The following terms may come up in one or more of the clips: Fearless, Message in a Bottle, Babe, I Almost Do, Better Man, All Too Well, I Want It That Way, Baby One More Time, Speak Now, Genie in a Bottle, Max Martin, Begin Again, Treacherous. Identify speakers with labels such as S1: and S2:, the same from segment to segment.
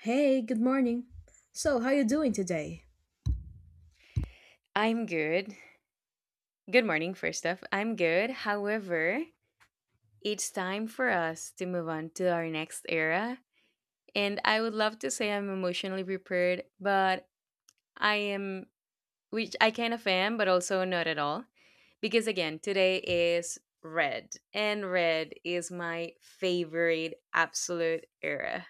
S1: Hey, good morning. So, how you doing today?
S2: I'm good. Good morning, first off. I'm good. However, it's time for us to move on to our next era. And I would love to say I'm emotionally prepared, but I am, which I kind of am, but also not at all. Because again, today is red, and red is my favorite absolute era.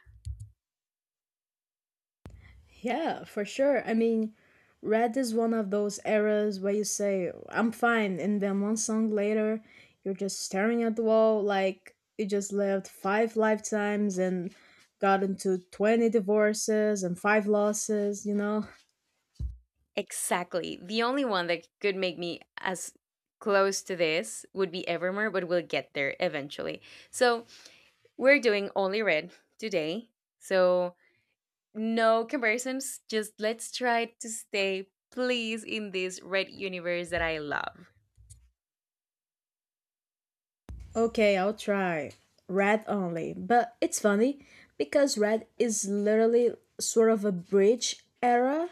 S1: Yeah, for sure. I mean, red is one of those eras where you say, I'm fine, and then one song later, you're just staring at the wall like you just lived five lifetimes and got into 20 divorces and five losses, you know?
S2: Exactly. The only one that could make me as close to this would be Evermore, but we'll get there eventually. So, we're doing only red today. So, no comparisons. Just let's try to stay, please, in this red universe that I love.
S1: Okay, I'll try. Red only. But it's funny because red is literally sort of a bridge era.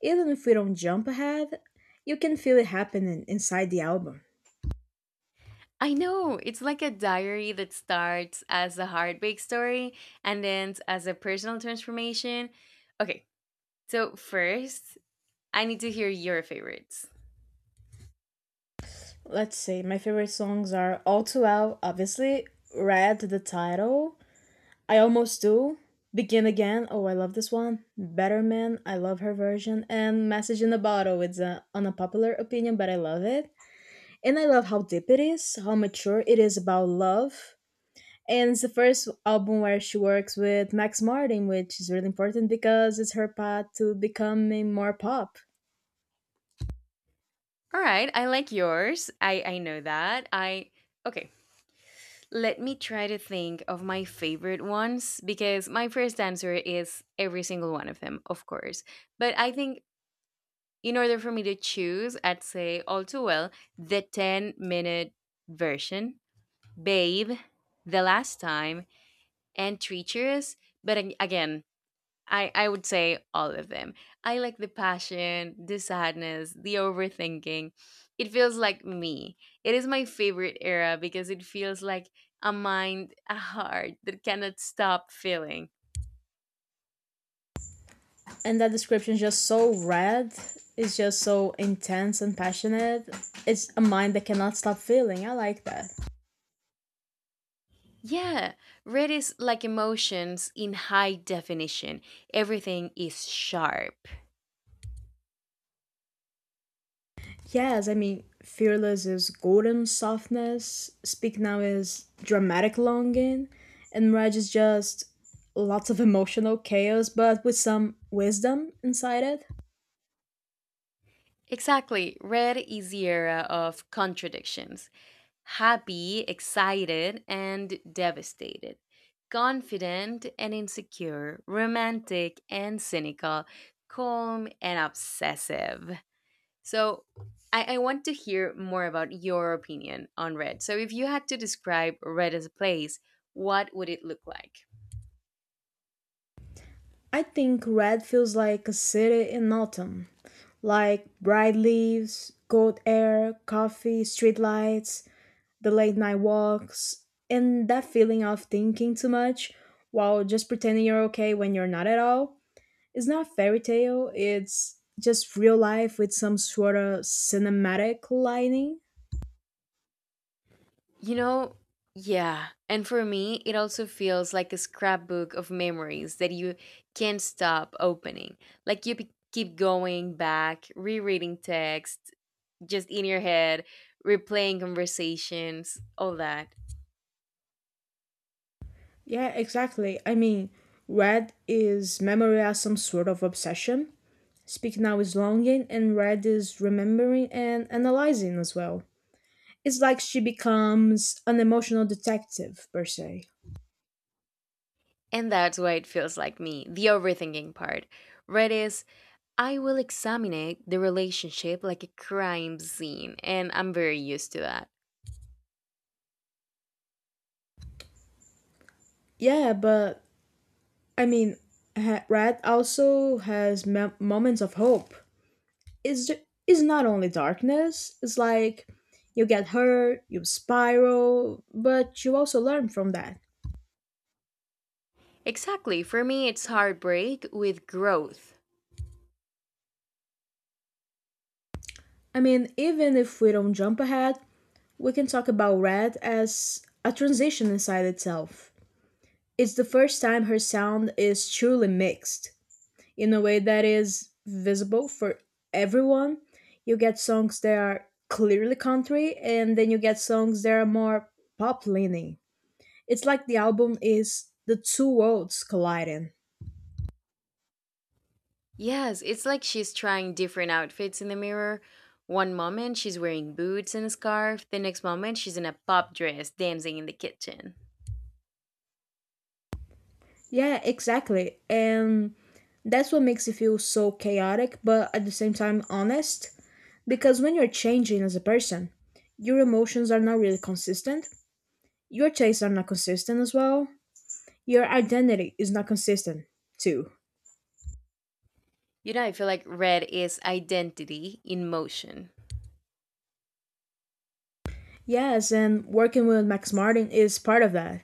S1: Even if we don't jump ahead, you can feel it happening inside the album.
S2: I know it's like a diary that starts as a heartbreak story and ends as a personal transformation. Okay, so first, I need to hear your favorites.
S1: Let's see, my favorite songs are All Too Well, obviously, Red, the title, I Almost Do, Begin Again, oh, I love this one, Better Man, I love her version, and Message in a Bottle. It's an unpopular opinion, but I love it. And I love how deep it is, how mature it is about love. And it's the first album where she works with Max Martin, which is really important because it's her path to becoming more pop.
S2: All right, I like yours. I know that. I okay. Let me try to think of my favorite ones because my first answer is every single one of them, of course. But I think in order for me to choose, I'd say all too well the 10-minute version, Babe, The Last Time, and Treacherous. But again, I would say all of them. I like the passion, the sadness, the overthinking. It feels like me. It is my favorite era because it feels like a mind, a heart that cannot stop feeling.
S1: And that description is just so red. It's just so intense and passionate. It's a mind that cannot stop feeling. I like that.
S2: Yeah, red is like emotions in high definition. Everything is sharp.
S1: Yes, I mean, Fearless is golden softness, Speak Now is dramatic longing, and Reg is just lots of emotional chaos, but with some wisdom inside it.
S2: Exactly, red is the era of contradictions. Happy, excited, and devastated, confident and insecure, romantic and cynical, calm and obsessive. So, I want to hear more about your opinion on red. So, if you had to describe red as a place, what would it look like?
S1: I think Red feels like a city in autumn, like bright leaves, cold air, coffee, streetlights, the late night walks, and that feeling of thinking too much while just pretending you're okay when you're not at all. It's not a fairy tale, it's just real life with some sort of cinematic lining.
S2: You know, yeah. And for me, it also feels like a scrapbook of memories that you can't stop opening. Like you keep going back, rereading text, just in your head, replaying conversations, all that.
S1: Yeah, exactly. I mean, red is memory as some sort of obsession. Speak Now is longing and red is remembering and analyzing as well. It's like she becomes an emotional detective per se.
S2: And that's why it feels like me, the overthinking part. Red is, I will examine it, the relationship like a crime scene, and I'm very used to that.
S1: Yeah, but I mean, red also has moments of hope. Is is not only darkness. It's like you get hurt, you spiral, but you also learn from that.
S2: Exactly. For me, it's heartbreak with growth.
S1: I mean, even if we don't jump ahead, we can talk about Red as a transition inside itself. It's the first time her sound is truly mixed in a way that is visible for everyone. You get songs that are clearly country, and then you get songs that are more pop leaning. It's like the album is the two worlds colliding.
S2: Yes, it's like she's trying different outfits in the mirror. One moment she's wearing boots and a scarf, the next moment she's in a pop dress dancing in the kitchen.
S1: Yeah, exactly. And that's what makes it feel so chaotic, but at the same time honest. Because when you're changing as a person, your emotions are not really consistent. Your tastes are not consistent as well. Your identity is not consistent too.
S2: You know, I feel like red is identity in motion.
S1: Yes, and working with Max Martin is part of that.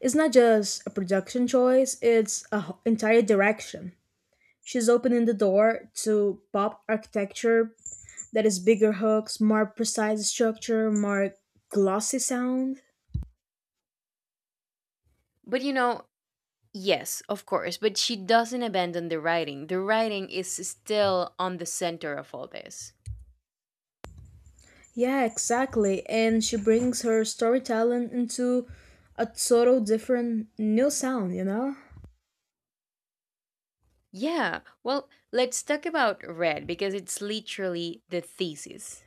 S1: It's not just a production choice, it's an entire direction. She's opening the door to pop architecture. That is bigger hooks, more precise structure, more glossy sound.
S2: But you know, yes, of course, but she doesn't abandon the writing. The writing is still on the center of all this.
S1: Yeah, exactly. And she brings her storytelling into a total different new sound, you know?
S2: Yeah, well, let's talk about red because it's literally the thesis.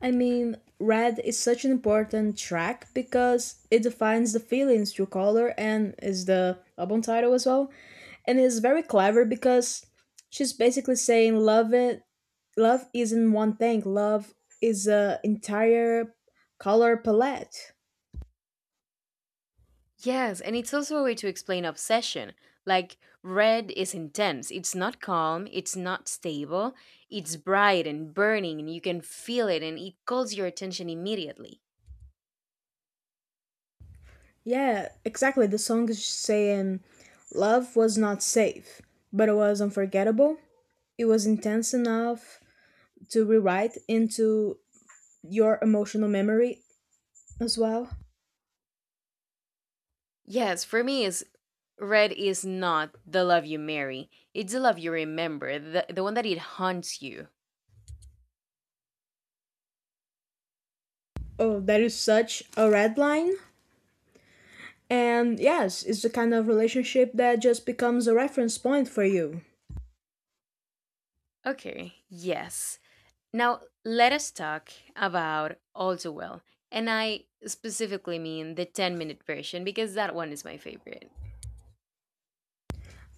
S1: I mean, Red is such an important track because it defines the feelings through color and is the album title as well. And it's very clever because she's basically saying love isn't one thing. Love is a entire color palette.
S2: Yes, and it's also a way to explain obsession. Like, red is intense. It's not calm, it's not stable, it's bright and burning, and you can feel it, and it calls your attention immediately.
S1: Yeah, exactly. The song is saying love was not safe, but it was unforgettable. It was intense enough to rewrite into your emotional memory as well.
S2: Yes, for me, is red is not the love you marry, it's the love you remember, the one that it haunts you.
S1: Oh, that is such a red line. And yes, it's the kind of relationship that just becomes a reference point for you.
S2: Okay, yes. Now, let us talk about All Too Well. And I specifically mean the 10-minute version because that one is my favorite.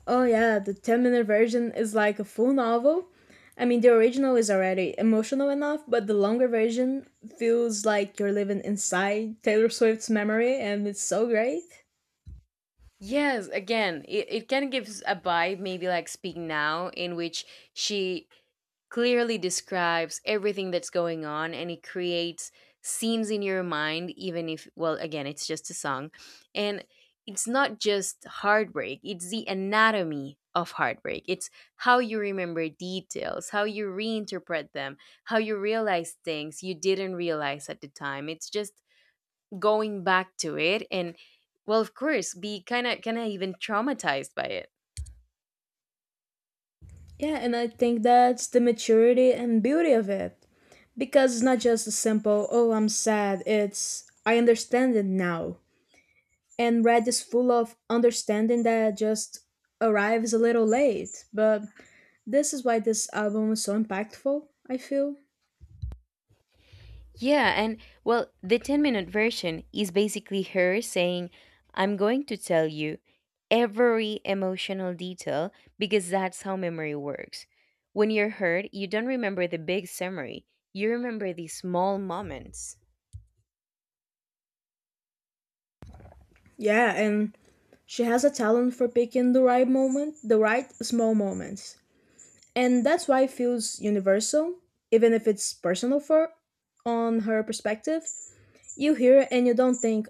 S1: Oh yeah, the 10-minute minute version is like a full novel. I mean, the original is already emotional enough, but the longer version feels like you're living inside Taylor Swift's memory, and it's so great.
S2: Yes, again, it kind of gives a vibe, maybe like Speak Now, in which she clearly describes everything that's going on and it creates scenes in your mind, even if, well, again, it's just a song. And it's not just heartbreak, it's the anatomy of heartbreak. It's how you remember details, how you reinterpret them, how you realize things you didn't realize at the time. It's just going back to it and, well, of course, be kind of even traumatized by it.
S1: Yeah, and I think that's the maturity and beauty of it. Because it's not just a simple, oh, I'm sad, it's, I understand it now. And Red is full of understanding that just arrives a little late, but this is why this album is so impactful, I feel.
S2: Yeah, and well, the 10-minute version is basically her saying, I'm going to tell you every emotional detail because that's how memory works. When you're hurt, you don't remember the big summary, you remember the small moments.
S1: Yeah, and she has a talent for picking the right moment, the right small moments. And that's why it feels universal, even if it's personal for on her perspective. You hear it and you don't think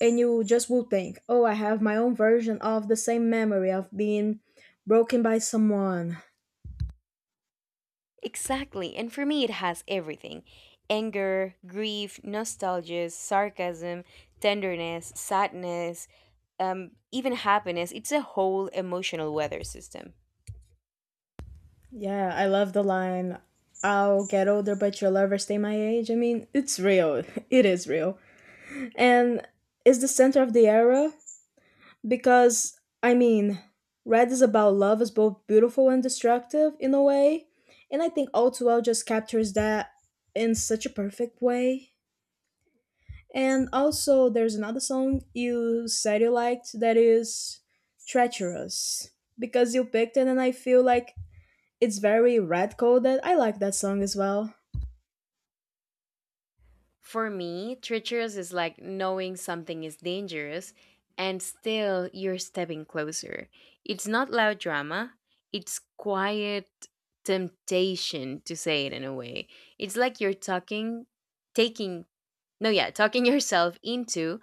S1: and you just will think, "Oh, I have my own version of the same memory of being broken by someone."
S2: Exactly. And for me, it has everything: anger, grief, nostalgia, sarcasm, tenderness, sadness, even happiness. It's a whole emotional weather system.
S1: Yeah, I love the line, "I'll get older but you'll never stay my age." I mean, it's real. It is real. And is the center of the era. Because, I mean, Red is about love is both beautiful and destructive in a way. And I think All Too Well just captures that in such a perfect way. And also, there's another song you said you liked that is Treacherous. Because you picked it, and I feel like it's very red coded. I like that song as well.
S2: For me, treacherous is like knowing something is dangerous and still you're stepping closer. It's not loud drama, it's quiet temptation to say it in a way. It's like you're talking, taking, no, yeah, talking yourself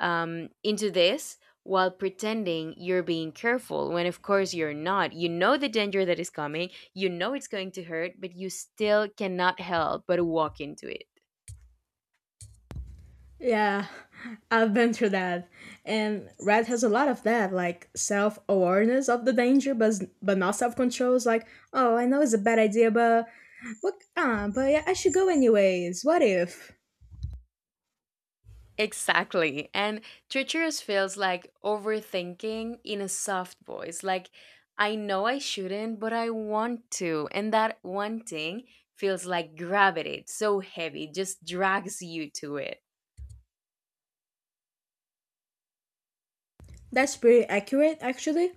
S2: into this while pretending you're being careful, when of course you're not. You know the danger that is coming, you know it's going to hurt, but you still cannot help but walk into it.
S1: Yeah, I've been through that. And Red has a lot of that, like self awareness of the danger, but not self control. It's like, oh, I know it's a bad idea, but what? Ah, but yeah, I should go anyways. What if?
S2: Exactly, and treacherous feels like overthinking in a soft voice. Like, I know I shouldn't but I want to, and that wanting feels like gravity. It's so heavy, it just drags you to it.
S1: That's pretty accurate, actually.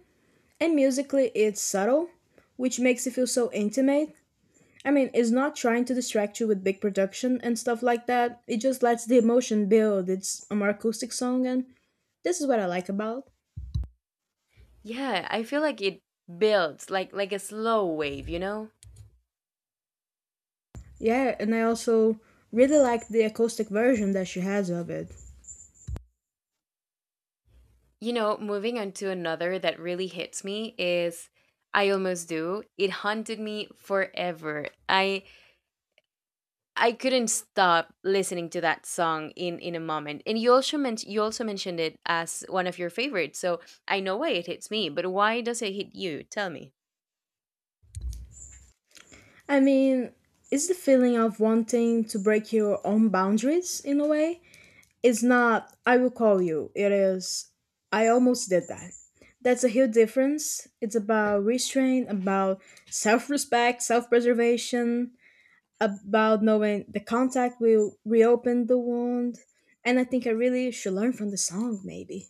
S1: And musically, it's subtle, which makes it feel so intimate. I mean, it's not trying to distract you with big production and stuff like that. It just lets the emotion build. It's a more acoustic song, and this is what I like about.
S2: Yeah, I feel like it builds like a slow wave, you know.
S1: Yeah, and I also really like the acoustic version that she has of it.
S2: You know, moving on to another that really hits me is I Almost Do. It haunted me forever. I couldn't stop listening to that song in a moment. And you also mentioned it as one of your favorites. So I know why it hits me, but why does it hit you? Tell me.
S1: I mean, it's the feeling of wanting to break your own boundaries in a way. It's not, I will call you. It is, I almost did that. That's a huge difference. It's about restraint, about self respect, self preservation, about knowing the contact will reopen the wound. And I think I really should learn from the song, maybe.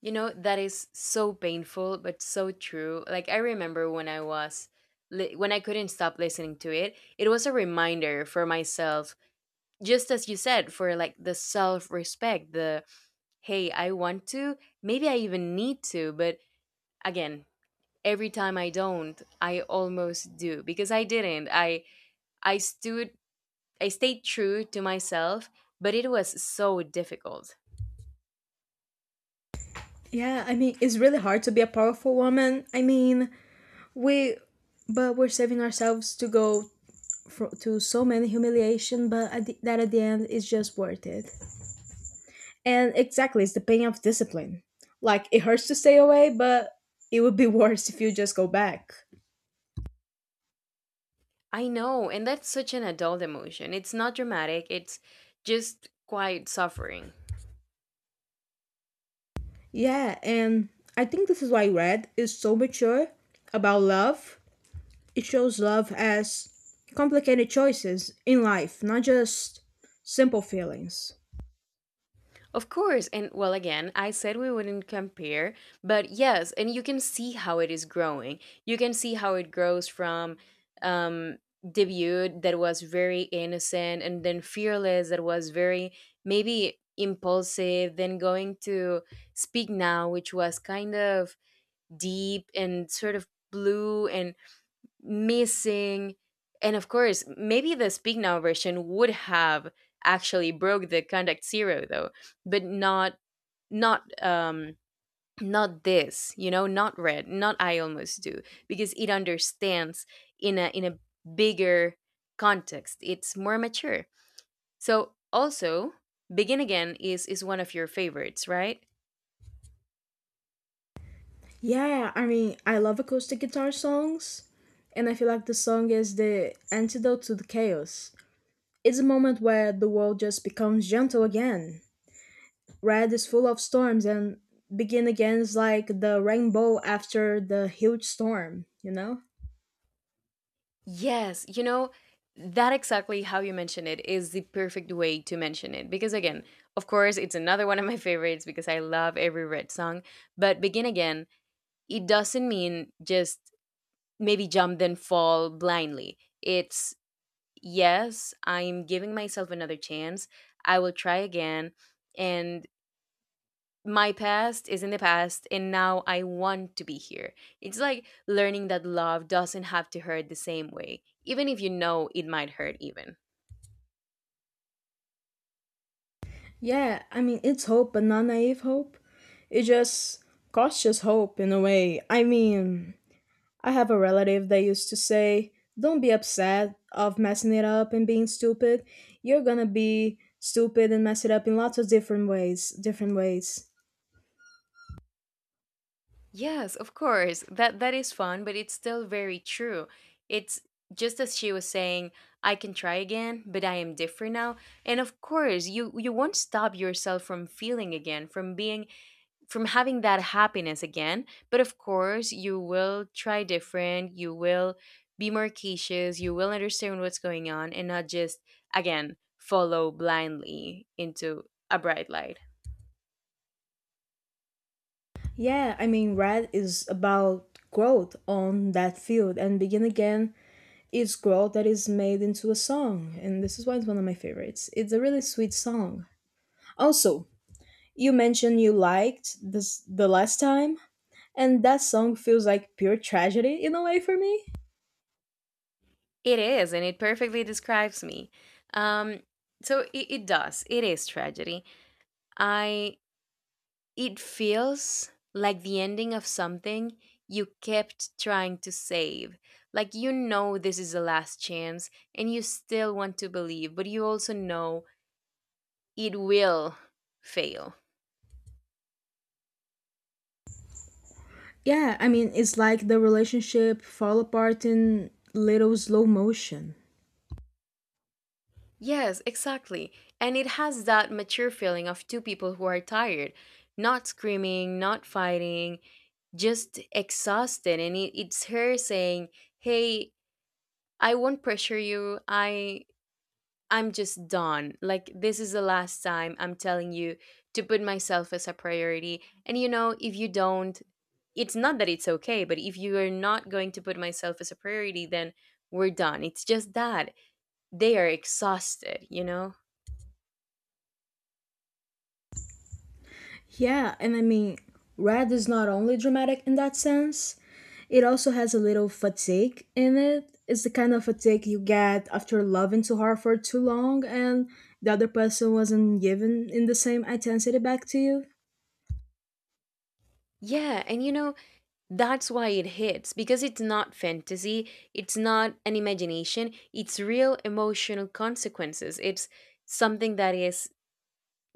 S2: You know, that is so painful but so true. Like I remember when I was when I couldn't stop listening to it, it was a reminder for myself, just as you said, for like the self respect. The hey, I want to, maybe I even need to, but again, every time I don't, I almost do, because I didn't, I stood, I stayed true to myself, but it was so difficult.
S1: Yeah, I mean, it's really hard to be a powerful woman. I mean, we, but we're saving ourselves to go fro to so many humiliation, but that at the end is just worth it. And exactly, it's the pain of discipline. Like, it hurts to stay away, but it would be worse if you just go back.
S2: I know, and that's such an adult emotion. It's not dramatic, it's just quite suffering.
S1: Yeah, and I think this is why Red is so mature about love. It shows love as complicated choices in life, not just simple feelings.
S2: Of course. And well, again, I said we wouldn't compare, but yes, and you can see how it is growing. You can see how it grows from um, debut that was very innocent, and then fearless that was very maybe impulsive, then going to Speak Now, which was kind of deep and sort of blue and missing, and of course maybe the speak now version would have actually broke the contact zero, though. But not, not, not this, you know, not red, not I Almost Do, because it understands in a bigger context. It's more mature. So also, begin again is one of your favorites, right?
S1: Yeah, I mean, I love acoustic guitar songs, and I feel like the song is the antidote to the chaos. It's a moment where the world just becomes gentle again. Red is full of storms, and Begin Again is like the rainbow after the huge storm, you know?
S2: Yes, you know, that exactly how you mention it is the perfect way to mention it. Because again, of course, it's another one of my favorites because I love every Red song. But Begin Again, it doesn't mean just maybe jump then fall blindly. It's yes, I'm giving myself another chance. I will try again. And my past is in the past and now I want to be here. It's like learning that love doesn't have to hurt the same way, even if you know it might hurt even.
S1: Yeah, I mean, it's hope, but not naive hope. It's just cautious hope in a way. I mean, I have a relative that used to say, don't be upset of messing it up and being stupid. You're gonna be stupid and mess it up in lots of different ways. Different ways.
S2: Yes, of course. That is fun, but it's still very true. It's just as she was saying, I can try again, but I am different now. And of course, you won't stop yourself from feeling again, from being, from having that happiness again. But of course, you will try different, you will be more cautious, you will understand what's going on and not just, again, follow blindly into a bright light.
S1: Yeah, I mean, red is about growth on that field, and begin again is growth that is made into a song, and this is why it's one of my favorites. It's a really sweet song. Also, you mentioned you liked this the last time, and that song feels like pure tragedy in a way for me.
S2: It is, and it perfectly describes me. Um, so it does. It is tragedy. I it feels like the ending of something you kept trying to save. Like you know this is the last chance, and you still want to believe, but you also know it will fail.
S1: Yeah, I mean, it's like the relationship fall apart in little slow motion.
S2: Yes, exactly. And it has that mature feeling of two people who are tired, not screaming, not fighting, just exhausted. And it's her saying, hey, I won't pressure you. I I'm just done. Like, this is the last time I'm telling you to put myself as a priority. And you know, if you don't, it's not that it's okay, but if you are not going to put myself as a priority, then we're done. It's just that they are exhausted, you know?
S1: Yeah, and I mean, Red is not only dramatic in that sense, it also has a little fatigue in it. It's the kind of fatigue you get after loving too hard for too long and the other person wasn't given in the same intensity back to you.
S2: Yeah, and you know, that's why it hits because it's not fantasy, it's not an imagination, it's real emotional consequences. It's something that is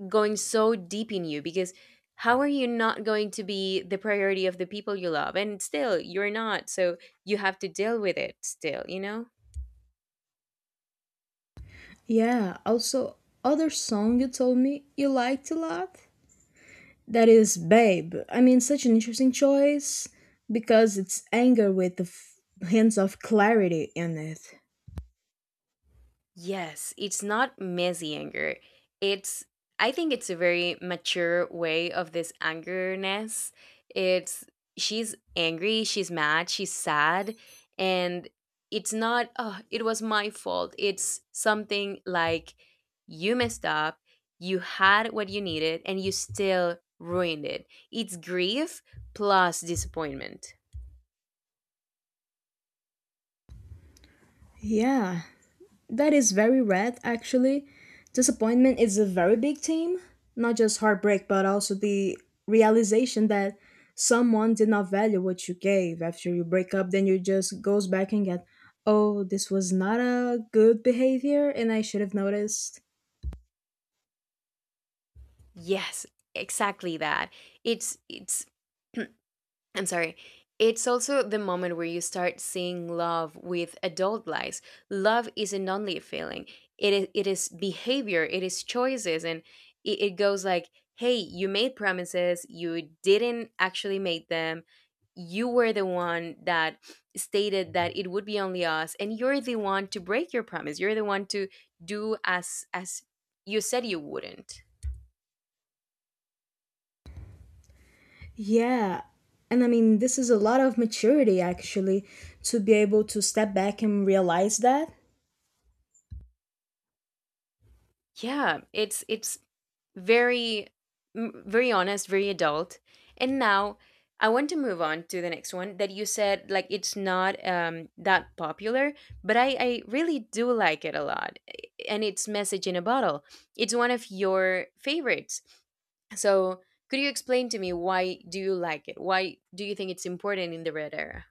S2: going so deep in you because how are you not going to be the priority of the people you love, and still you're not? So you have to deal with it still, you know.
S1: Yeah, also, other song you told me you liked a lot. That is Babe. I mean, such an interesting choice because it's anger with the hints of clarity in it.
S2: Yes, it's not messy anger. It's I think it's a very mature way of this angerness. It's she's angry, she's mad, she's sad, and it's not oh, it was my fault. It's something like you messed up, you had what you needed and you still ruined it. It's grief plus disappointment.
S1: Yeah, that is very red actually. Disappointment is a very big theme, not just heartbreak, but also the realization that someone did not value what you gave after you break up, then you just goes back and get, oh, this was not a good behavior and I should have noticed.
S2: Yes, exactly that. It's I'm sorry. It's also the moment where you start seeing love with adult lies. Love isn't only a feeling. It is behavior, it is choices, and it goes like, "Hey, you made promises, you didn't actually make them. You were the one that stated that it would be only us, and you're the one to break your promise. You're the one to do as you said you wouldn't."
S1: Yeah. And I mean, this is a lot of maturity actually to be able to step back and realize that.
S2: Yeah, it's very very honest, very adult. And now I want to move on to the next one that you said, like, it's not that popular, but I really do like it a lot, and it's Message in a Bottle. It's one of your favorites. So could you explain to me, why do you like it? Why do you think it's important in the Red era?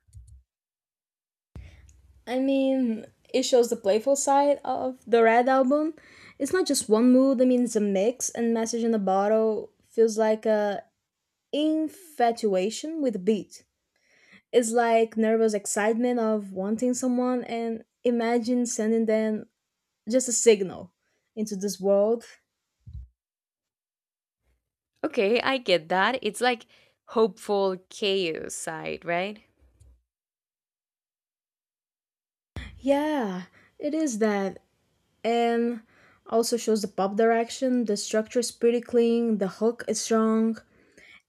S1: I mean, it shows the playful side of the Red album. It's not just one mood, I mean, it's a mix, and Message in a Bottle feels like a infatuation with a beat. It's like nervous excitement of wanting someone and imagine sending them just a signal into this world.
S2: Okay, I get that. It's like hopeful chaos side, right?
S1: Yeah, it is that. And also shows the pop direction. The structure is pretty clean, the hook is strong,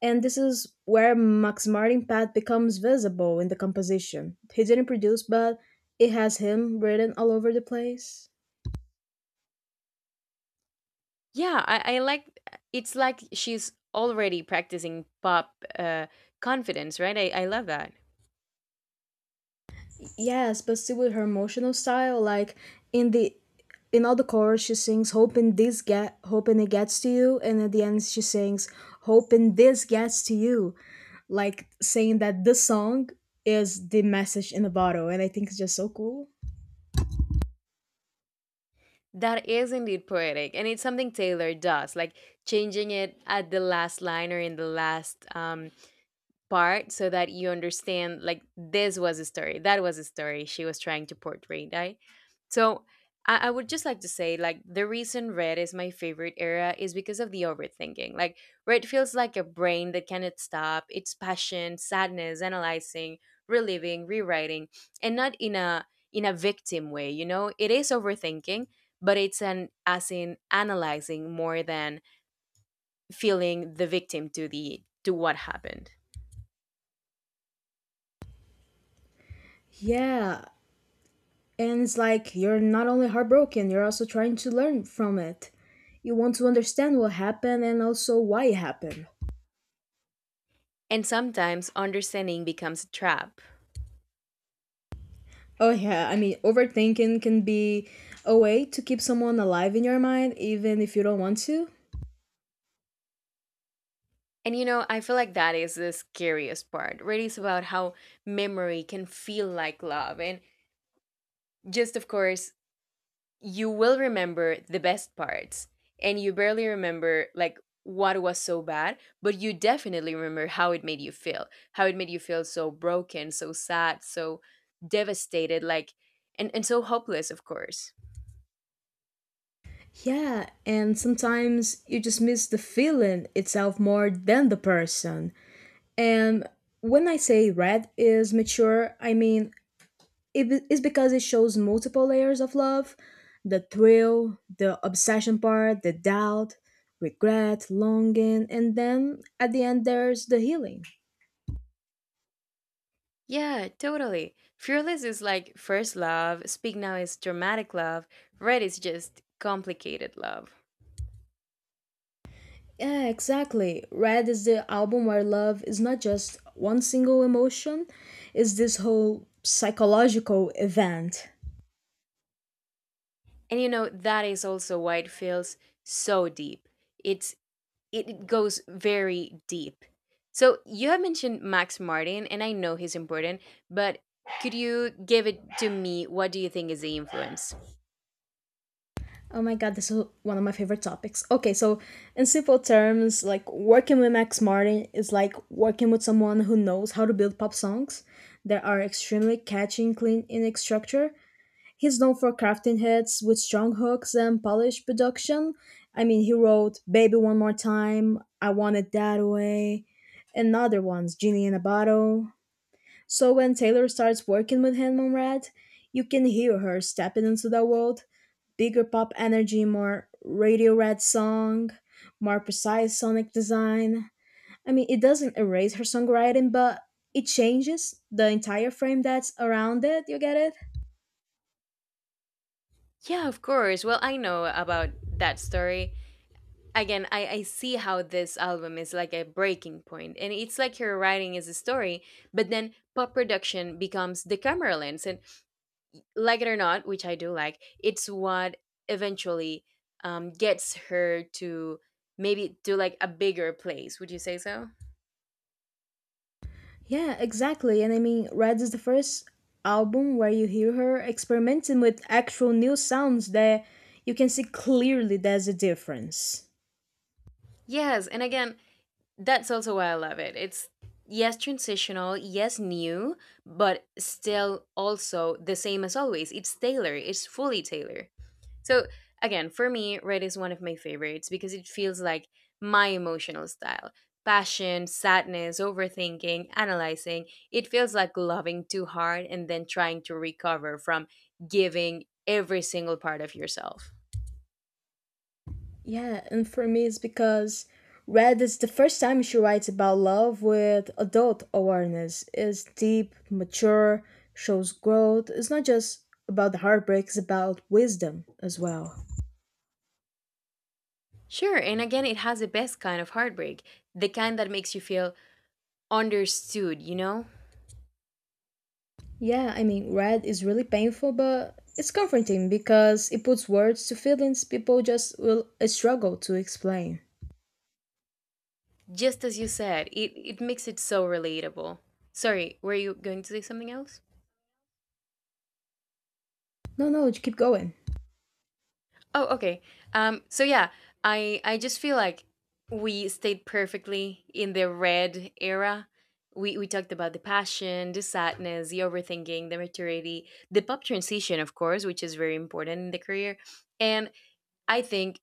S1: and this is where Max Martin Pat becomes visible in the composition. He didn't produce, but it has him written all over the place.
S2: Yeah, I like, it's like she's already practicing pop confidence, right? I love that.
S1: Yes, but still with her emotional style, like in the in all the chorus she sings hoping it gets to you and at the end she sings hoping this gets to you. Like saying that this song is the message in the bottle and I think it's just so cool.
S2: That is indeed poetic, and it's something Taylor does, like changing it at the last line or in the last part, so that you understand, like, this was a story that was a story she was trying to portray, right? So I would just like to say, like, the reason Red is my favorite era is because of the overthinking. Like, Red feels like a brain that cannot stop. It's passion, sadness, analyzing, reliving, rewriting. And not in a victim way. It is overthinking, but it's an, as in, analyzing, more than feeling the victim to the to what happened.
S1: Yeah. And it's like you're not only heartbroken, you're also trying to learn from it. You want to understand what happened and also why it happened.
S2: And sometimes understanding becomes a trap.
S1: Oh, yeah. I mean, overthinking can be a way to keep someone alive in your mind, even if you don't want to.
S2: And you know, I feel like that is the scariest part. Really, it's about how memory can feel like love. And just, of course, you will remember the best parts, and you barely remember, like, what was so bad, but you definitely remember how it made you feel, how it made you feel so broken, so sad, so devastated, like, and so hopeless, of course.
S1: Yeah, and sometimes you just miss the feeling itself more than the person. And when I say red is mature, I mean it is because it shows multiple layers of love, the thrill, the obsession part, the doubt, regret, longing, and then at the end, there's the healing.
S2: Yeah, totally. Fearless is like first love, Speak Now is dramatic love, Red is just complicated love.
S1: Yeah, exactly. Red is the album where love is not just one single emotion, it's this whole psychological event.
S2: And you know, that is also why it feels so deep. It's it goes very deep. So you have mentioned Max Martin, and I know he's important, but could you give it to me? What do you think is the influence?
S1: Oh my god, this is one of my favorite topics. Okay, so in simple terms, like working with Max Martin is like working with someone who knows how to build pop songs that are extremely catchy and clean in its structure. He's known for crafting hits with strong hooks and polished production. I mean, he wrote Baby One More Time, I Want It That Way, and other ones, Genie in a Bottle. So when Taylor starts working with him on Red, you can hear her stepping into that world. Bigger pop energy, more radio red song, more precise sonic design. I mean, it doesn't erase her songwriting, but it changes the entire frame that's around it. You get it?
S2: Yeah, of course. Well, I know about that story. Again, I see how this album is like a breaking point, and it's like her writing is a story, but then pop production becomes the camera lens. And like it or not, which I do like, it's what eventually gets her to, maybe, to, like, a bigger place, would you say? So
S1: Yeah, exactly. And I mean, Red is the first album where you hear her experimenting with actual new sounds that you can see clearly there's a difference.
S2: yes, and again, that's also why I love it. It's, yes, transitional, yes, new, but still also the same as always. It's Taylor. It's fully Taylor. So again, for me, Red is one of my favorites because it feels like my emotional style. Passion, sadness, overthinking, analyzing. It feels like loving too hard and then trying to recover from giving every single part of yourself.
S1: Yeah, and for me, it's because Red is the first time she writes about love with adult awareness. It's deep, mature, shows growth. It's not just about the heartbreak, it's about wisdom as well.
S2: Sure, and again, it has the best kind of heartbreak, the kind that makes you feel understood, you know?
S1: Yeah, I mean, red is really painful, but it's comforting because it puts words to feelings people just will struggle to explain.
S2: Just as you said, it makes it so relatable. Sorry, were you going to say something else?
S1: No, no, keep going.
S2: Oh, okay. So yeah, I just feel like we stayed perfectly in the Red era. We talked about the passion, the sadness, the overthinking, the maturity, the pop transition, of course, which is very important in the career. And I think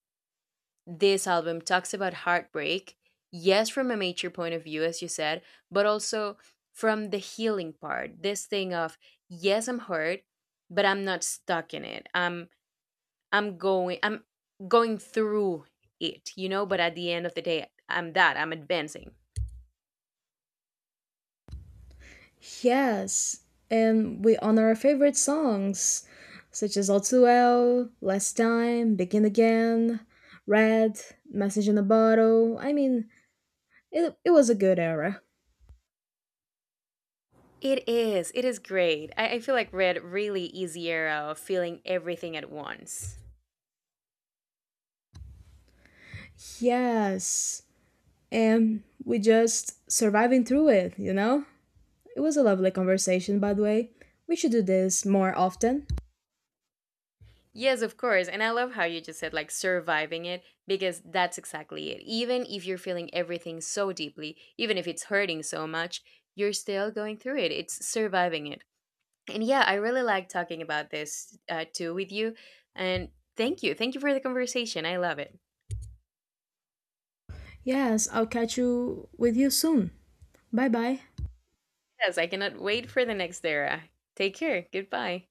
S2: this album talks about heartbreak, yes, from a mature point of view, as you said, but also from the healing part. This thing of, yes, I'm hurt, but I'm not stuck in it. I'm going through it, you know, but at the end of the day, I'm advancing.
S1: Yes, and we honor our favorite songs, such as All Too Well, Last Time, Begin Again, Red, Message in a Bottle. I mean, it was a good era.
S2: It is. It is great. I feel like Red really is the era of feeling everything at once.
S1: Yes, and we just surviving through it, you know? It was a lovely conversation, by the way. We should do this more often.
S2: Yes, of course. And I love how you just said, like, surviving it, because that's exactly it. Even if you're feeling everything so deeply, even if it's hurting so much, you're still going through it. It's surviving it. And yeah, I really like talking about this too with you. And thank you. Thank you for the conversation. I love it.
S1: Yes, I'll catch you with you soon. Bye bye.
S2: Yes, I cannot wait for the next era. Take care. Goodbye.